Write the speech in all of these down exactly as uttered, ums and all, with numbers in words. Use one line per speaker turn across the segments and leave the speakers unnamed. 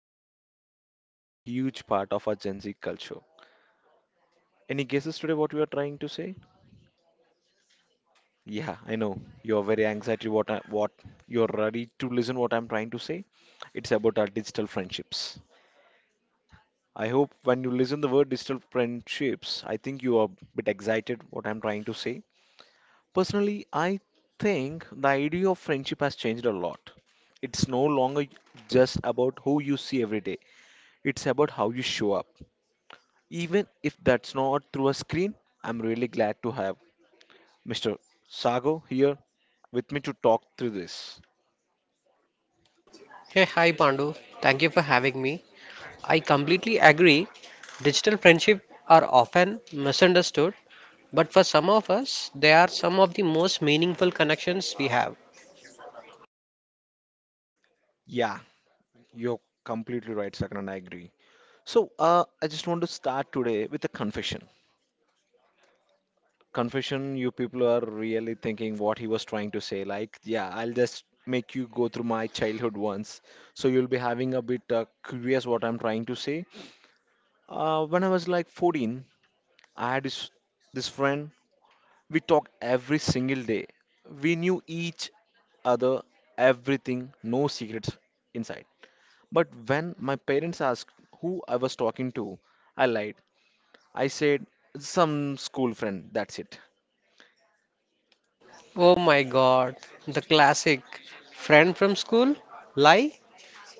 about something that's become a huge part of our Gen Z culture. Any guesses today what we are trying to say? Yeah, I know you're very anxiety. What I, what you're ready to listen? What I'm trying to say? It's about our digital friendships. I hope when you listen the word digital friendships, I think you are a bit excited what I'm trying to say. Personally, I think the idea of friendship has changed a lot. It's no longer just about who you see every day. It's about how you show up. Even if that's not through a screen, I'm really glad to have mister Sago here with me to talk through this.
Hey, hi Pandu. Thank you for having me. I completely agree. Digital friendship are often misunderstood, but for some of us, they are some of the most meaningful connections we have.
Yeah, you're completely right, Sakan, and I agree. So, uh, I just want to start today with a confession. Confession, you people are really thinking what he was trying to say. Like, yeah, I'll just make you go through my childhood once. So, you'll be having a bit uh, curious what I'm trying to say. Uh, when I was like fourteen, I had this, this friend. We talked every single day. We knew each other, everything, no secrets inside. But when my parents asked who I was talking to, I lied. I said, some school friend, that's it.
Oh my God, the classic friend from school? Lie?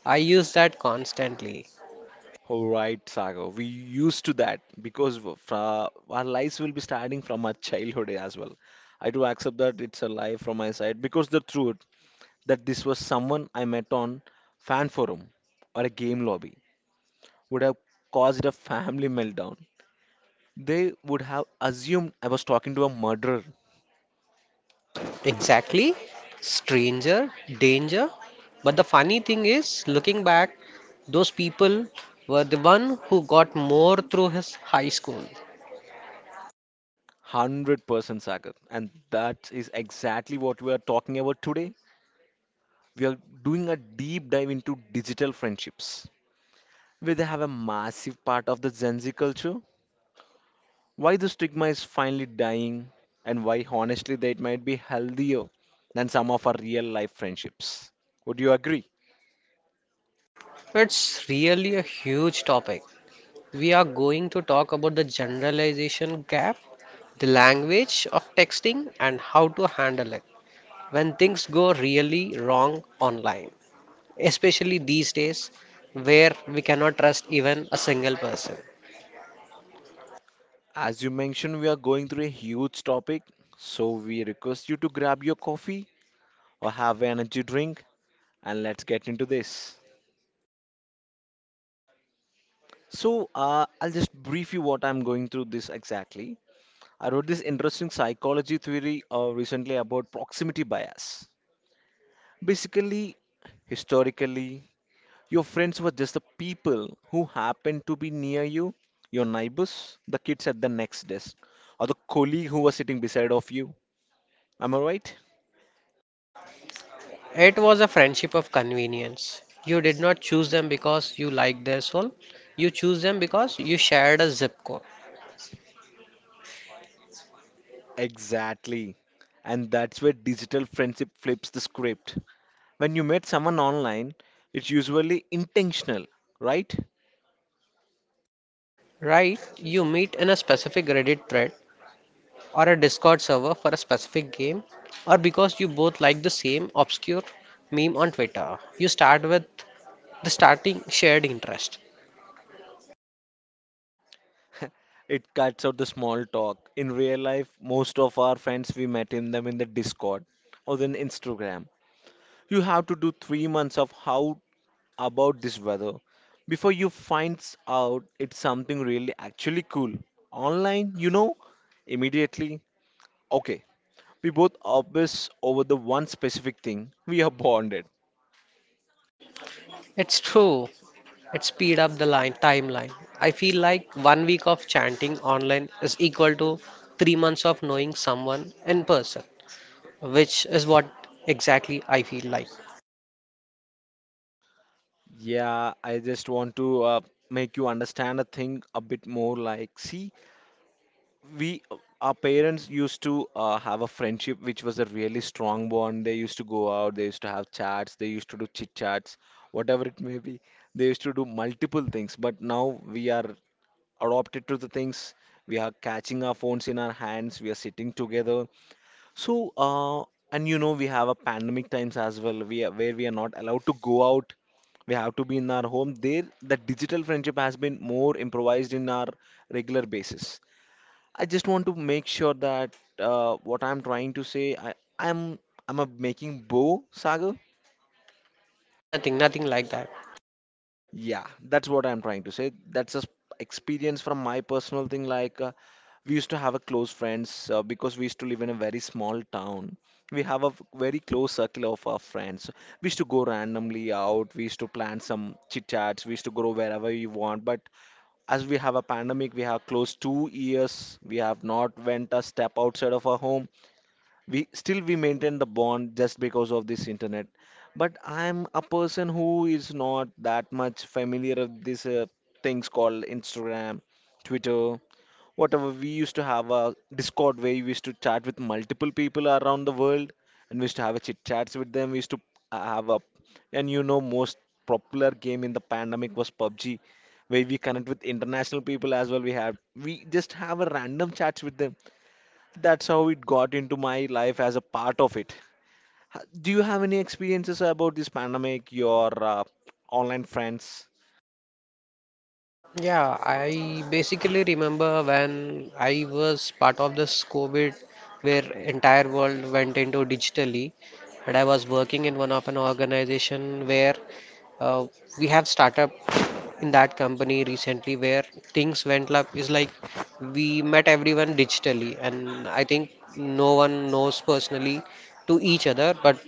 I use that constantly.
Alright, Sagar, we used to that because w- fra our lives will be starting from our childhood as well. I do accept that it's a lie from my side because the truth that this was someone I met on fan forum or a game lobby would have caused a family meltdown. They would have assumed I was talking to a murderer.
Exactly. Stranger, danger. But the funny thing is, looking back, those people were the one who got more through his high school.
one hundred percent Sagar. And that is exactly what we are talking about today. We are doing a deep dive into digital friendships, where they have a massive part of the Gen Z culture. Why the stigma is finally dying, and why honestly that might be healthier than some of our real life friendships. Would you agree?
It's really a huge topic. We are going to talk about the generalization gap, the language of texting, and how to handle it when things go really wrong online, especially these days where we cannot trust even a single person.
As you mentioned, we are going through a huge topic, so we request you to grab your coffee or have an energy drink and let's get into this. So, uh, I'll just brief you what I'm going through this exactly. I wrote this interesting psychology theory uh, recently about proximity bias. Basically, historically, your friends were just the people who happened to be near you, your neighbors, the kids at the next desk, or the colleague who was sitting beside of you. Am I right?
It was a friendship of convenience. You did not choose them because you liked their soul, you choose them because you shared a zip code.
Exactly. And that's where digital friendship flips the script. When you meet someone online, it's usually intentional, right?
Right, you meet in a specific Reddit thread or a Discord server for a specific game, or because you both like the same obscure meme on Twitter. You start with the starting shared interest.
It cuts out the small talk. In real life, most of our friends we met in them in the Discord or then Instagram. You have to do three months of how about this weather before you finds out it's something really actually cool. Online, you know, immediately. Okay, we both obsess over the one specific thing. We are bonded.
It's true. It speed up the line timeline. I feel like one week of chanting online is equal to three months of knowing someone in person, which is what exactly I feel like.
Yeah, I just want to uh, make you understand a thing a bit more. Like, see, we our parents used to uh, have a friendship which was a really strong bond. They used to go out, they used to have chats, they used to do chit chats, whatever it may be. They used to do multiple things, but now we are adopted to the things. We are catching our phones in our hands. We are sitting together. So, uh, and you know, we have a pandemic times as well. We are, where we are not allowed to go out. We have to be in our home. There, the digital friendship has been more improvised in our regular basis. I just want to make sure that uh, what I'm trying to say, I, I'm I'm a making bow, Sagar.
Nothing, nothing like that.
Yeah, that's what I'm trying to say. That's a s- experience from my personal thing. Like uh, we used to have a close friends uh, because we used to live in a very small town. We have a f- very close circle of our friends. We used to go randomly out. We used to plan some chit chats. We used to go wherever we want. But as we have a pandemic, we have close two years. We have not went a step outside of our home. We still we maintain the bond just because of this internet. But I'm a person who is not that much familiar of these uh, things called Instagram, Twitter, whatever. We used to have a Discord where we used to chat with multiple people around the world, and we used to have a chit chats with them. We used to uh, have a And you know most popular game in the pandemic was PUBG where we connect with international people as well. We have we just have a random chats with them. That's how it got into my life as a part of it. Ha- Do you have any experiences about this pandemic, your uh, online friends?
Yeah, I basically remember when I was part of this COVID where entire world went into digitally and I was working in one of an organization where uh, we have startup in that company recently where things went up is like we met everyone digitally, and I think no one knows personally to each other, but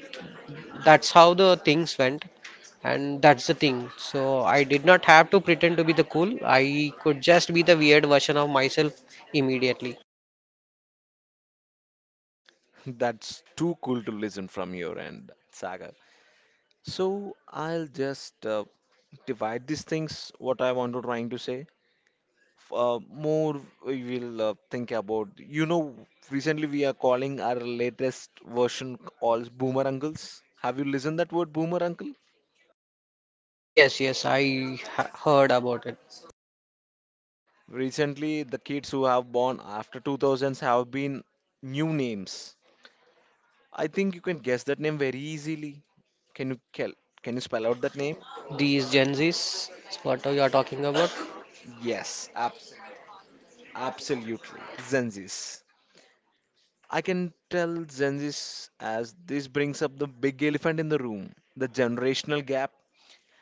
that's how the things went, and that's the thing. So I did not have to pretend to be the cool. I could just be the weird version of myself immediately.
That's too cool to listen from your end, Saga. So I'll just uh, divide these things, what I want to trying to say. F- Uh, more we will uh, think about, you know, recently we are calling our latest version calls boomer uncles. Have you listened that word boomer uncle?
Yes, yes, I ha heard about it.
Recently, the kids who have born after two thousands have been new names. I think you can guess that name very easily. Can you cal- can you spell out that name?
These Gen Zs, what are you talking about?
Yes, ab- absolutely. Zenzis. I can tell Zenzis as this brings up the big elephant in the room, the generational gap.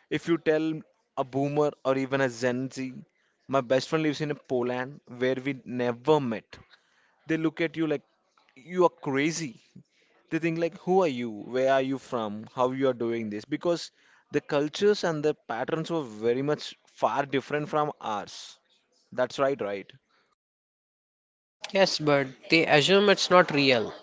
If you tell a boomer or even a Gen Z, my best friend lives in Poland where we never met. They look at you like you are crazy. They think like who are you, where are you from, how you are doing this? Because the cultures and the patterns were very much far different from ours. That's right, right.
Yes, but they assume it's not real.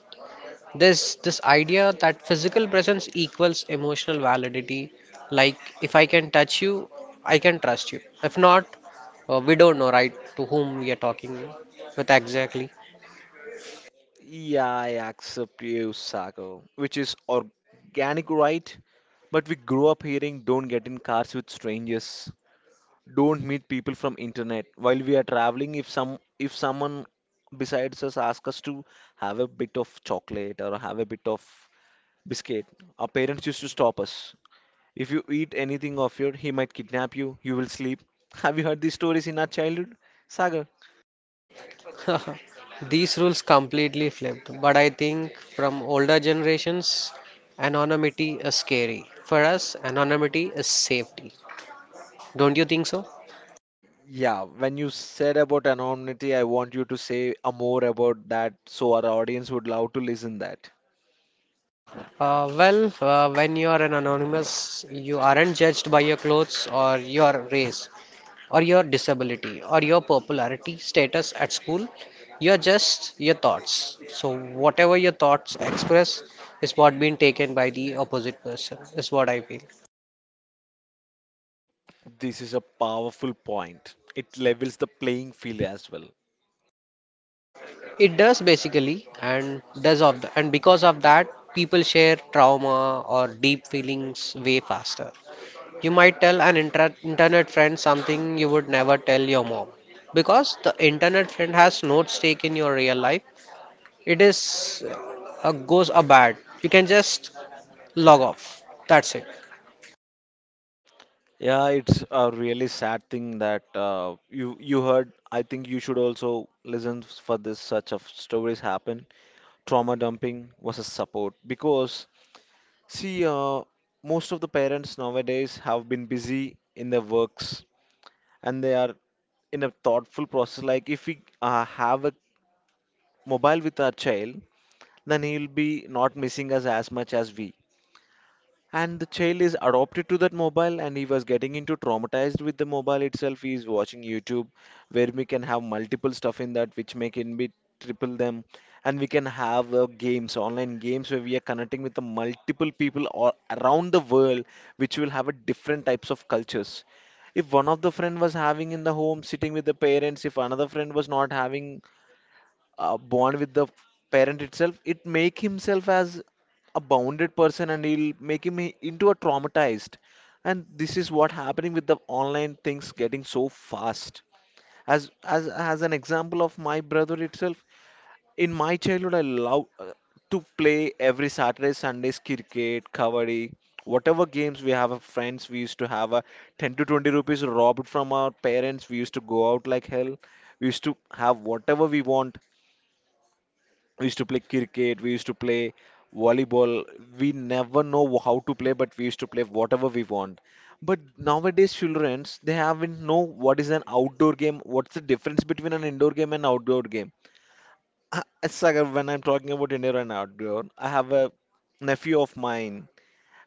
This this idea that physical presence equals emotional validity, like if I can touch you, I can trust you. If not, uh, we don't know, right, to whom we are talking with exactly.
Yeah, I accept you Sago which is organic, right? But we grew up hearing don't get in cars with strangers, don't meet people from internet. While we are traveling, if some if someone besides us ask us to have a bit of chocolate or have a bit of biscuit, our parents used to stop us. If you eat anything of your he might kidnap you, you will sleep. Have you heard these stories in our childhood, Sagar?
These rules completely flipped, but I think from older generations, anonymity is scary. For us, anonymity is safety. Don't you think so?
Yeah, when you said about anonymity, I want you to say a more about that so our audience would love to listen that.
Uh, well, uh, when you are an anonymous, you aren't judged by your clothes or your race or your disability or your popularity status at school. You're just your thoughts. So, whatever your thoughts express is what being taken by the opposite person, is what I feel.
This is a powerful point. It levels the playing field as well.
It does basically, and does of the, and because of that, people share trauma or deep feelings way faster. You might tell an intra- internet friend something you would never tell your mom because the internet friend has no stake in your real life. It is a goes a bad. You can just log off. That's it.
Yeah, it's a really sad thing that uh, you you heard. I think you should also listen for this such of stories happen. Trauma dumping versus support because see, uh, most of the parents nowadays have been busy in their works and they are in a thoughtful process. Like if we uh, have a mobile with our child, then he'll be not missing us as much as we. And the child is adopted to that mobile and he was getting into traumatized with the mobile itself. He is watching YouTube where we can have multiple stuff in that which make him be triple them. And we can have uh, games, online games where we are connecting with the multiple people all around the world, which will have a different types of cultures. If one of the friend was having in the home sitting with the parents, if another friend was not having uh, bond with the parent itself, it make himself as a bounded person and he'll make him i- into a traumatized. And this is what happening with the online things getting so fast. As as as an example of my brother itself, in my childhood I love uh, to play every saturday sundays cricket kabaddi whatever games we have uh, friends. We used to have a ten to twenty rupees robbed from our parents. We used to go out like hell. We used to have whatever we want. We used to play cricket, we used to play volleyball. We never know how to play but we used to play whatever we want. But nowadays childrens they haven't know what is an outdoor game, what's the difference between an indoor game and outdoor game. I- it's like uh, when I'm talking about indoor and outdoor I have a nephew of mine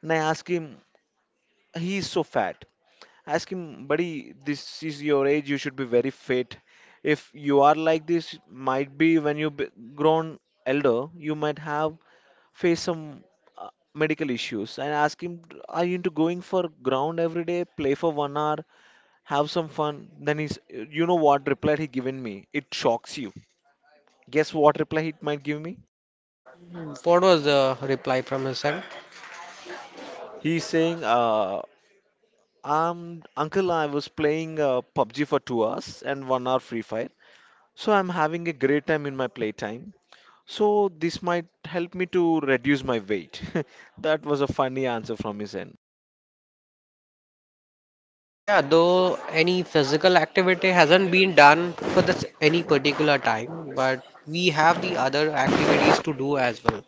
and I ask him. He's so fat. Ask him, buddy, this is your age, you should be very fit. If you are like this, might be when you be grown elder, you might have face some uh, medical issues. And ask him, are you into going for ground every day, play for one hour, have some fun? Then he's, you know what reply he given me? It shocks you. Guess what reply he might give me?
What was the reply from his end?
He's saying, uh, um, Uncle, I was playing uh, PUBG for two hours and one hour Free Fire. So I'm having a great time in my playtime. So this might help me to reduce my weight. That was a funny answer from his end.
Yeah, though any physical activity hasn't been done for this any particular time, but we have the other activities to do as well.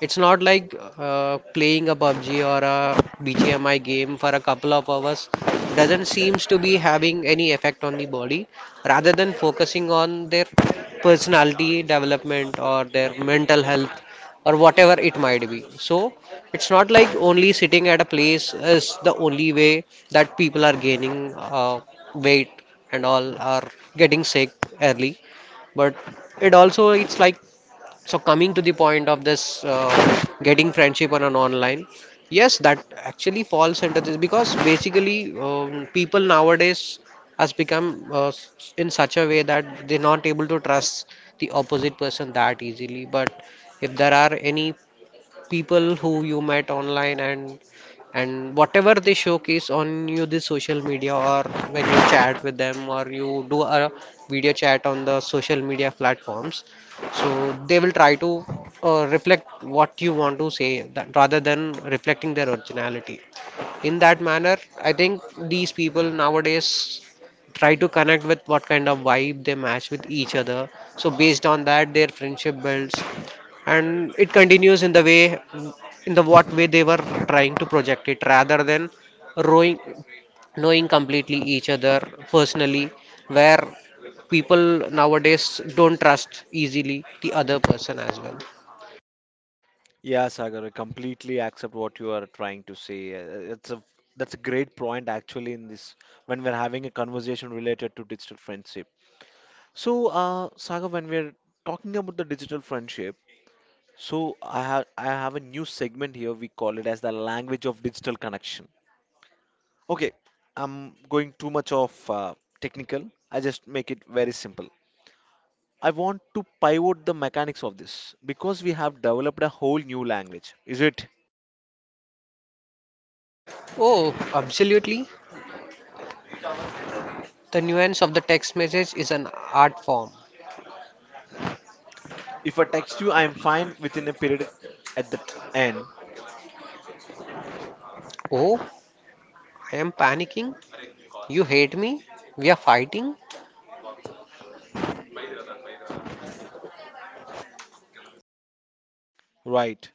It's not like uh, playing a pub g or a B G M I game for a couple of hours doesn't seems to be having any effect on the body, rather than focusing on their personality development or their mental health or whatever it might be. So it's not like only sitting at a place is the only way that people are gaining uh, weight and all are getting sick early, but it also it's like, so coming to the point of this uh, getting friendship on an online, yes, that actually falls under this because basically um, people nowadays has become uh, s- in such a way that they're not able to trust the opposite person that easily. But if there are any people who you met online, and and whatever they showcase on you the social media, or when you chat with them or you do a video chat on the social media platforms, so they will try to uh, reflect what you want to say that, rather than reflecting their originality. In that manner, I think these people nowadays try to connect with what kind of vibe they match with each other, so based on that their friendship builds, and it continues in the way, in the what way they were trying to project it, rather than rowing knowing completely each other personally, where people nowadays don't trust easily the other person as well.
Yeah, Sagar, I completely accept what you are trying to say. Uh, It's a That's a great point actually in this, when we're having a conversation related to digital friendship. So, uh, Sagar, when we're talking about the digital friendship, so I have I have a new segment here. We call it as the language of digital connection. Okay, I'm going too much of uh, technical. I just make it very simple. I want to pivot the mechanics of this because we have developed a whole new language. Is it?
Oh, absolutely, the nuance of the text message is an art form.
If I text you, I'm fine, within a period at the end,
Oh, I am panicking, you hate me, we are fighting.
right?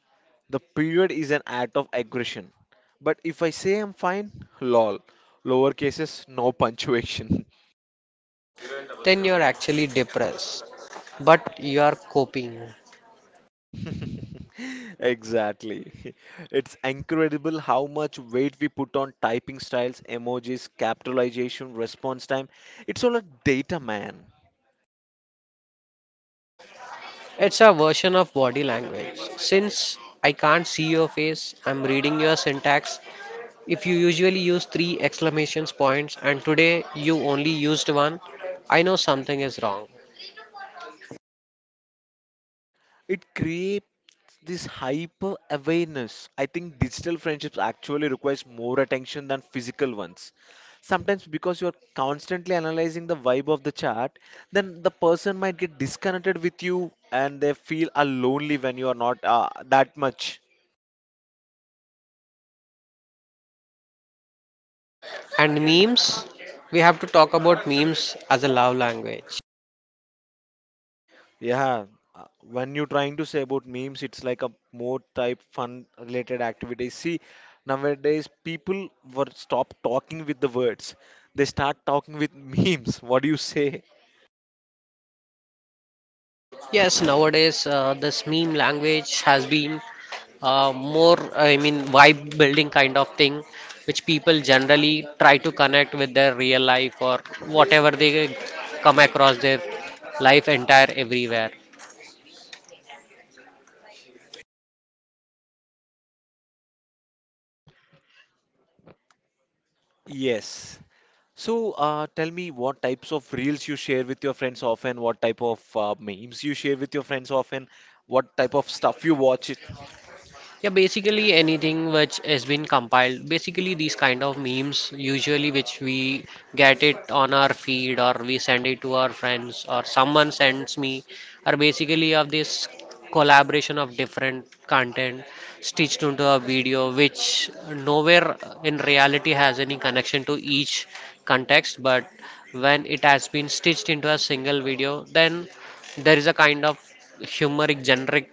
The period is an act of aggression. But if I say I'm fine, lol, lower cases, no punctuation.
Then you're actually depressed, but you are coping.
Exactly. It's incredible how much weight we put on typing styles, emojis, capitalization, response time. It's all a data, man.
It's a version of body language. Since I can't see your face, I'm reading your syntax. If you usually use three exclamation points and today you only used one, I know something is wrong.
It creates this hyper awareness. I think digital friendships actually requires more attention than physical ones. Sometimes because you're constantly analyzing the vibe of the chat, then the person might get disconnected with you and they feel uh, lonely when you are not uh, that much.
And memes? We have to talk about memes as a love language.
Yeah, uh, when you're trying to say about memes, it's like a more type fun related activity. See, nowadays people were stop talking with the words. They start talking with memes. What do you say?
Yes, nowadays uh, this meme language has been uh, more, I mean, vibe building kind of thing, which people generally try to connect with their real life or whatever they come across their life entire everywhere.
Yes. So, uh, tell me what types of reels you share with your friends often, what type of uh, memes you share with your friends often, what type of stuff you watch it.
Yeah, basically anything which has been compiled, basically these kind of memes usually which we get it on our feed or we send it to our friends or someone sends me are basically of this collaboration of different content stitched into a video which nowhere in reality has any connection to each context. But when it has been stitched into a single video, then there is a kind of humoric generic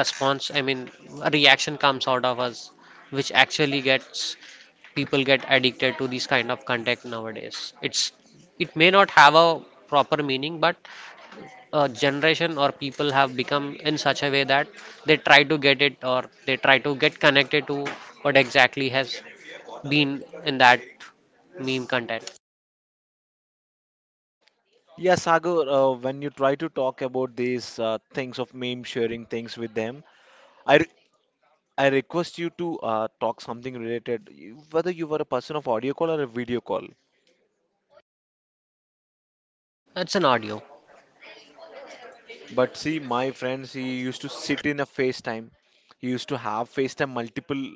response, I mean, a reaction comes out of us, which actually gets people get addicted to these kind of content nowadays. It's it may not have a proper meaning, but a generation or people have become in such a way that they try to get it or they try to get connected to what exactly has been in that meme content.
Yeah, Sagar, uh, when you try to talk about these uh, things of meme sharing things with them, I, I request you to uh, talk something related, you- whether you were a person of audio call or a video call.
That's an audio.
But see, my friends, he used to sit in a FaceTime. He used to have FaceTime multiple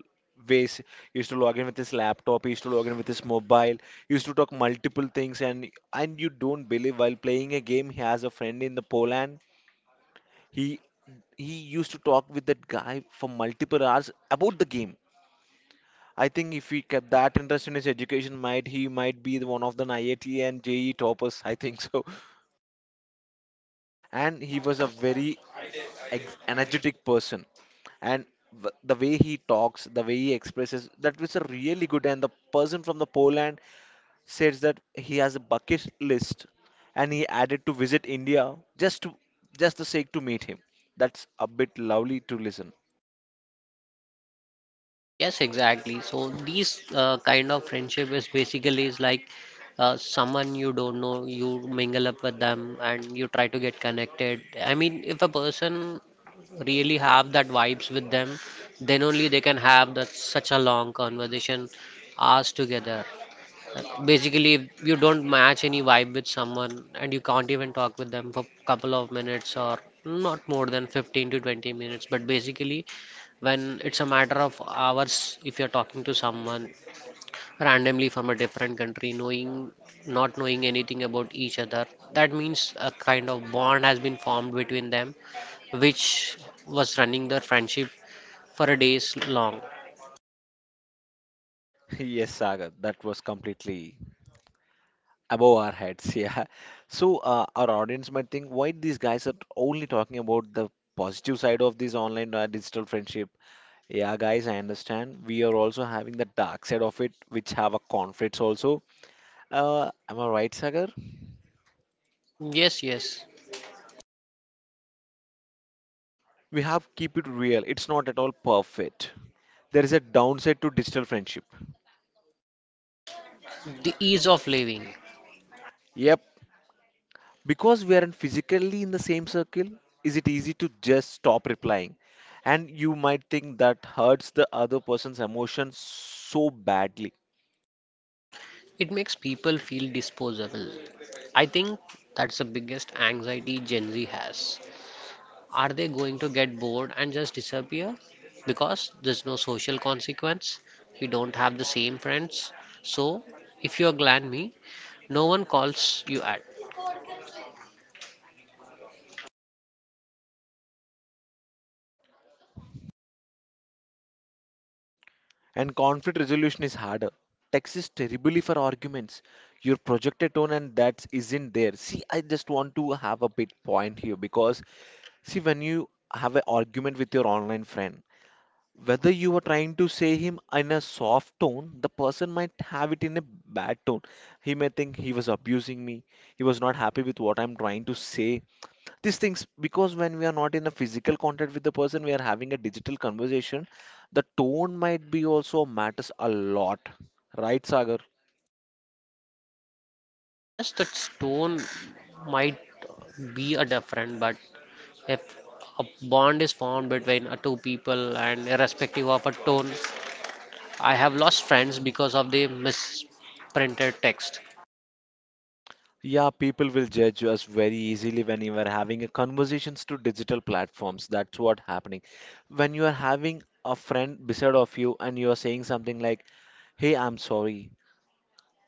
ways. He used to log in with his laptop. He used to log in with his mobile. He used to talk multiple things. And and you don't believe, while playing a game, he has a friend in the Poland. He he used to talk with that guy for multiple hours about the game. I think if he kept that interest in his education, might he might be the one of the I I T and J E toppers. I think so. And he was a very ex- energetic person, and w- the way he talks, the way he expresses, that was a really good. And the person from the Poland says that he has a bucket list, and he added to visit India just to just the sake to meet him. That's a bit lovely to listen.
Yes, exactly. So these uh, kind of friendship is basically is like uh, someone you don't know, you mingle up with them and you try to get connected. I mean, if a person really have that vibes with them, then only they can have that such a long conversation hours together. Basically, if you don't match any vibe with someone and you can't even talk with them for couple of minutes or not more than fifteen to twenty minutes, but basically, when it's a matter of hours, if you're talking to someone randomly from a different country, knowing not knowing anything about each other, that means a kind of bond has been formed between them, which was running their friendship for a days long.
Yes, Sagar, that was completely above our heads. Yeah, so uh, our audience might think why these guys are only talking about the positive side of this online uh, digital friendship. Yeah, guys, I understand we are also having the dark side of it, which have a conflicts also. Uh, am I right, Sagar?
Yes, yes,
We have keep it real. It's not at all perfect. There is a downside to digital friendship.
the ease of living.
Yep. Because we aren't physically in the same circle, is it easy to just stop replying? And you might think that hurts the other person's emotions so badly.
It makes people feel disposable. I think that's the biggest anxiety Gen Z has. Are they going to get bored and just disappear? Because there's no social consequence, you don't have the same friends. So, if you're me, no one calls you at.
And conflict resolution is harder. Text is terribly for arguments. Your projected tone and that isn't there. See, I just want to have have a bit point here because, see, when you have an argument with your online friend, whether you were trying to say him in a soft tone, the person might have it in a bad tone. He may think he was abusing me. He was not happy with what I'm trying to say. These things, because when we are not in a physical contact with the person, we are having a digital conversation, the tone might be also matters a lot. Right, Sagar?
Yes, that stone might be a different, but if a bond is formed between uh, two people and irrespective of a tone, I have lost friends because of the misprinted text.
Yeah, people will judge us very easily when you are having a conversations to digital platforms. That's what happening. When you are having a friend beside of you and you are saying something like, "Hey, I'm sorry.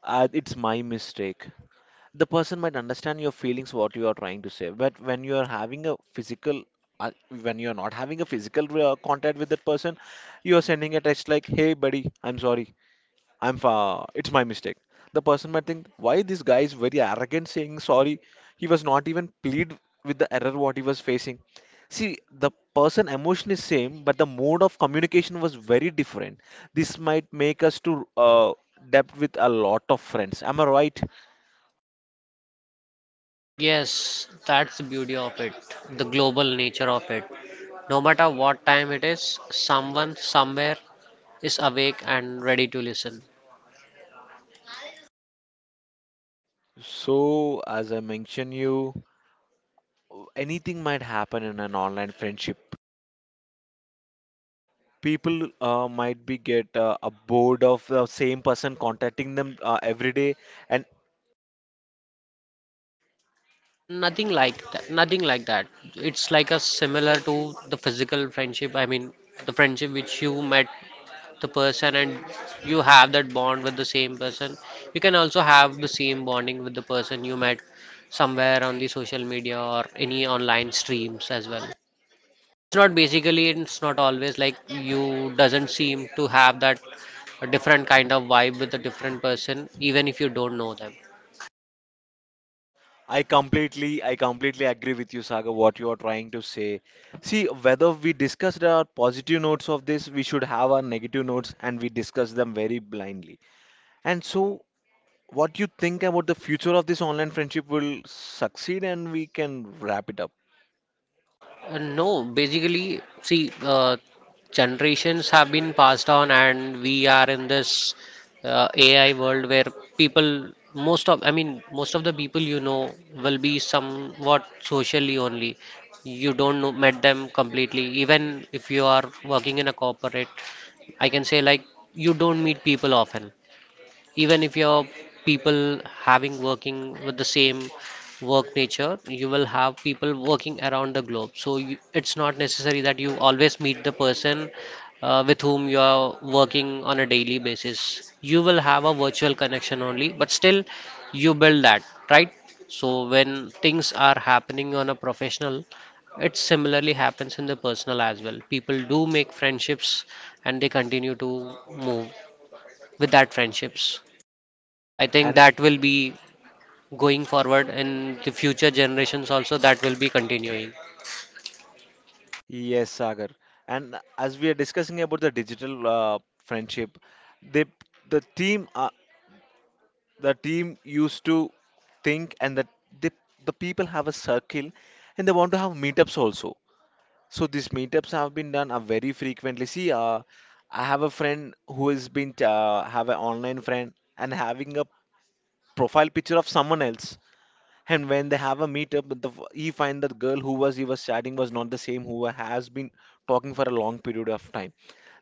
Uh, it's my mistake." The person might understand your feelings, what you are trying to say. But when you are having a physical, uh, when you are not having a physical uh, contact with that person, you are sending a text like, "Hey, buddy, I'm sorry. I'm fa it's my mistake." The person might think, why this guy is very arrogant saying sorry. He was not even plead with the error what he was facing. See, the person emotion is same, but the mode of communication was very different. This might make us to uh, depth with a lot of friends. Am I right?
Yes, that's the beauty of it, the global nature of it. No matter what time it is, someone somewhere is awake and ready to listen.
So, as I mentioned you, anything might happen in an online friendship. People uh, might be get uh, a bored of the same person contacting them uh, every day, and
Nothing like that. Nothing like that. It's like a similar to the physical friendship. I mean, the friendship which you met the person and you have that bond with the same person, you can also have the same bonding with the person you met somewhere on the social media or any online streams as well. It's not basically, it's not always like you doesn't seem to have that different kind of vibe with a different person, even if you don't know them.
I completely, I completely agree with you, Saga, what you are trying to say. See, whether we discussed our positive notes of this, we should have our negative notes and we discuss them very blindly. And so, what you think about the future of this online friendship will succeed and we can wrap it up.
Uh, no, basically, see, uh, generations have been passed on, and we are in this uh, A I world where people, most of, I mean, most of the people you know will be somewhat socially only. You don't know, met them completely. Even if you are working in a corporate, I can say like you don't meet people often, even if your people having working with the same work nature, you will have people working around the globe. So you, it's not necessary that you always meet the person uh, with whom you are working on a daily basis. You will have a virtual connection only, but still you build that, right? So when things are happening on a professional, it similarly happens in the personal as well. People do make friendships, and they continue to move with that friendships. So I think
And
that will be going forward in the future generations also. That will be continuing.
yes, Sagar. And as we are discussing about the digital uh, friendship, they, the theme, uh, the team used to think, and that they, the people have a circle and they want to have meetups also, so these meetups have been done uh, very frequently. See uh, I have a friend who has been uh, have an online friend and having a profile picture of someone else, and when they have a meetup, the, he find that girl who was he was chatting was not the same who has been talking for a long period of time.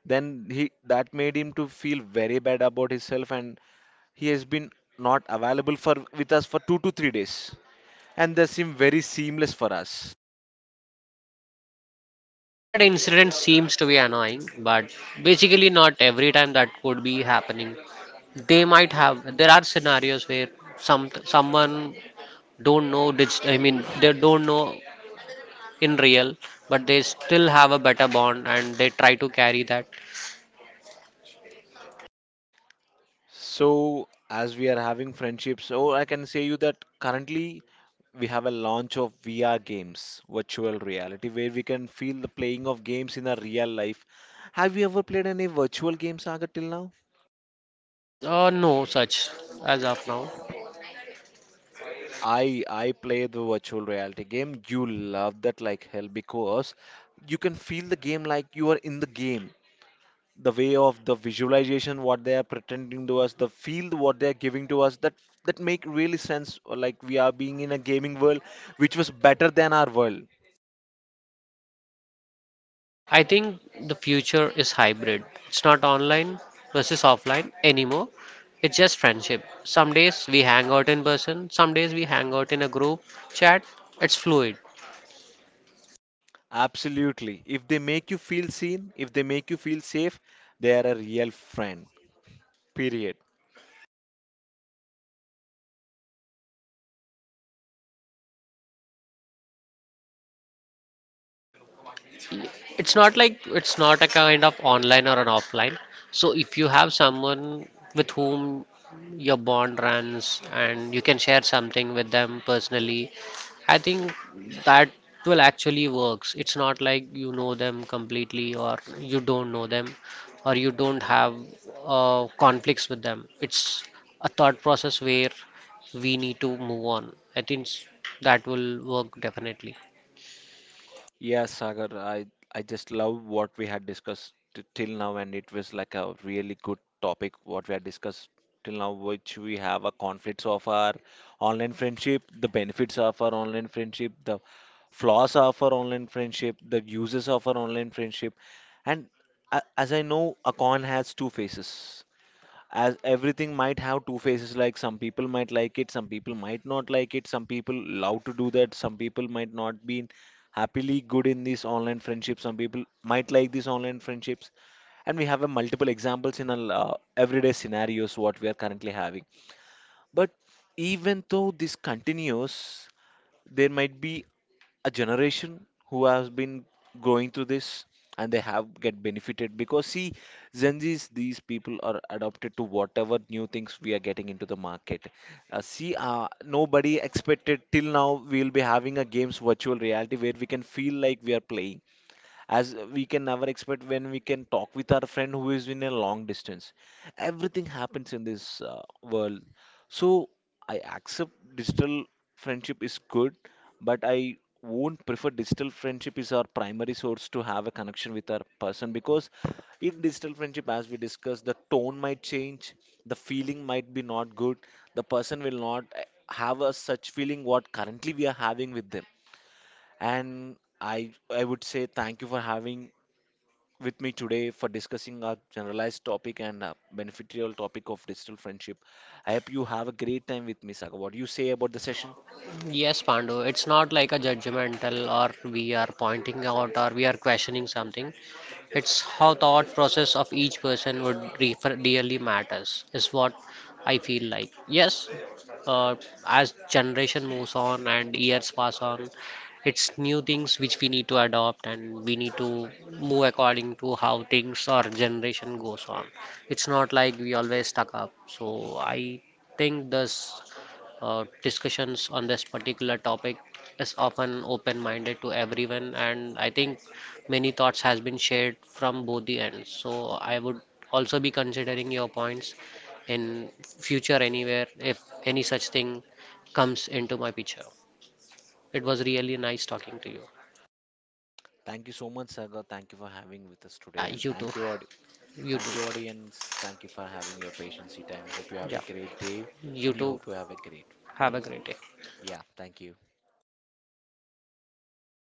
Then he, that made him to feel very bad about himself, and he has been not available for with us for two to three days, and they seem very seamless for us.
Uh, That incident seems to be annoying, but basically not every time that could be happening. They might have, there are scenarios where some someone don't know digital, I mean, they don't know in real, but they still have a better bond and they try to carry that.
So as we are having friendships, so I can say you that currently we have a launch of V R games, virtual reality, where we can feel the playing of games in our real life. Have you ever played any virtual game, Saga, till now?
Uh, no such as of now.
I I play the virtual reality game. You love that like hell because you can feel the game like you are in the game. The way of the visualization what they are pretending to us, the field what they are giving to us, that that make really sense, or like we are being in a gaming world which was better than our world.
I think the future is hybrid. It's not online versus offline anymore. It's just friendship. Some days we hang out in person, some days we hang out in a group chat. It's fluid.
Absolutely. If they make you feel seen, if they make you feel safe, they are a real friend. Period.
It's not like it's not a kind of online or an offline. So if you have someone with whom your bond runs and you can share something with them personally, I think that will actually works. It's not like you know them completely or you don't know them or you don't have uh, conflicts with them. It's a thought process where we need to move on. I think s- that will work definitely.
Yeah, Sagar, I, I just love what we had discussed t- till now, and it was like a really good topic what we had discussed till now, which we have a conflicts of our online friendship, the benefits of our online friendship, the flaws of our online friendship, the uses of our online friendship, and a- as I know, a coin has two faces, as everything might have two faces. Like some people might like it, some people might not like it, some people love to do that, some people might not be happily good in these online friendships, some people might like these online friendships, and we have a multiple examples in our uh, everyday scenarios what we are currently having. But even though this continues, there might be a generation who has been going through this and they have get benefited, because see, Gen Zs, these people are adopted to whatever new things we are getting into the market. Uh, see, uh, nobody expected till now we'll be having a games virtual reality where we can feel like we are playing, as we can never expect when we can talk with our friend who is in a long distance. Everything happens in this uh, world. So I accept digital friendship is good, but I won't prefer digital friendship is our primary source to have a connection with our person, because in digital friendship, as we discussed, the tone might change, the feeling might be not good, the person will not eh, have a such feeling what currently we are having with them, and i i would say thank you for having with me today for discussing our generalized topic and uh, beneficial topic of digital friendship. I hope you have a great time with me, Saga. What do you say about the session?
Yes, Pandu, it's not like a judgmental or we are pointing out or we are questioning something. It's how thought process of each person would re- really matters, is what I feel like. Yes, uh, as generation moves on and years pass on, it's new things which we need to adopt and we need to move according to how things or generation goes on. It's not like we always stuck up. So I think this uh, discussions on this particular topic is often open-minded to everyone, and I think many thoughts has been shared from both the ends. So I would also be considering your points in future anywhere if any such thing comes into my picture. It was really nice talking to you.
Thank you so much, Saga. Thank you for having with us today,
Yeah,
and
you too.
thank you, audi-
You
thank you,
too.
audience. Thank you for having your patience time. Hope you have a
Yeah,
great day,
you
and you
too.
hope you have a great.
Have a great day.
Yeah, thank you.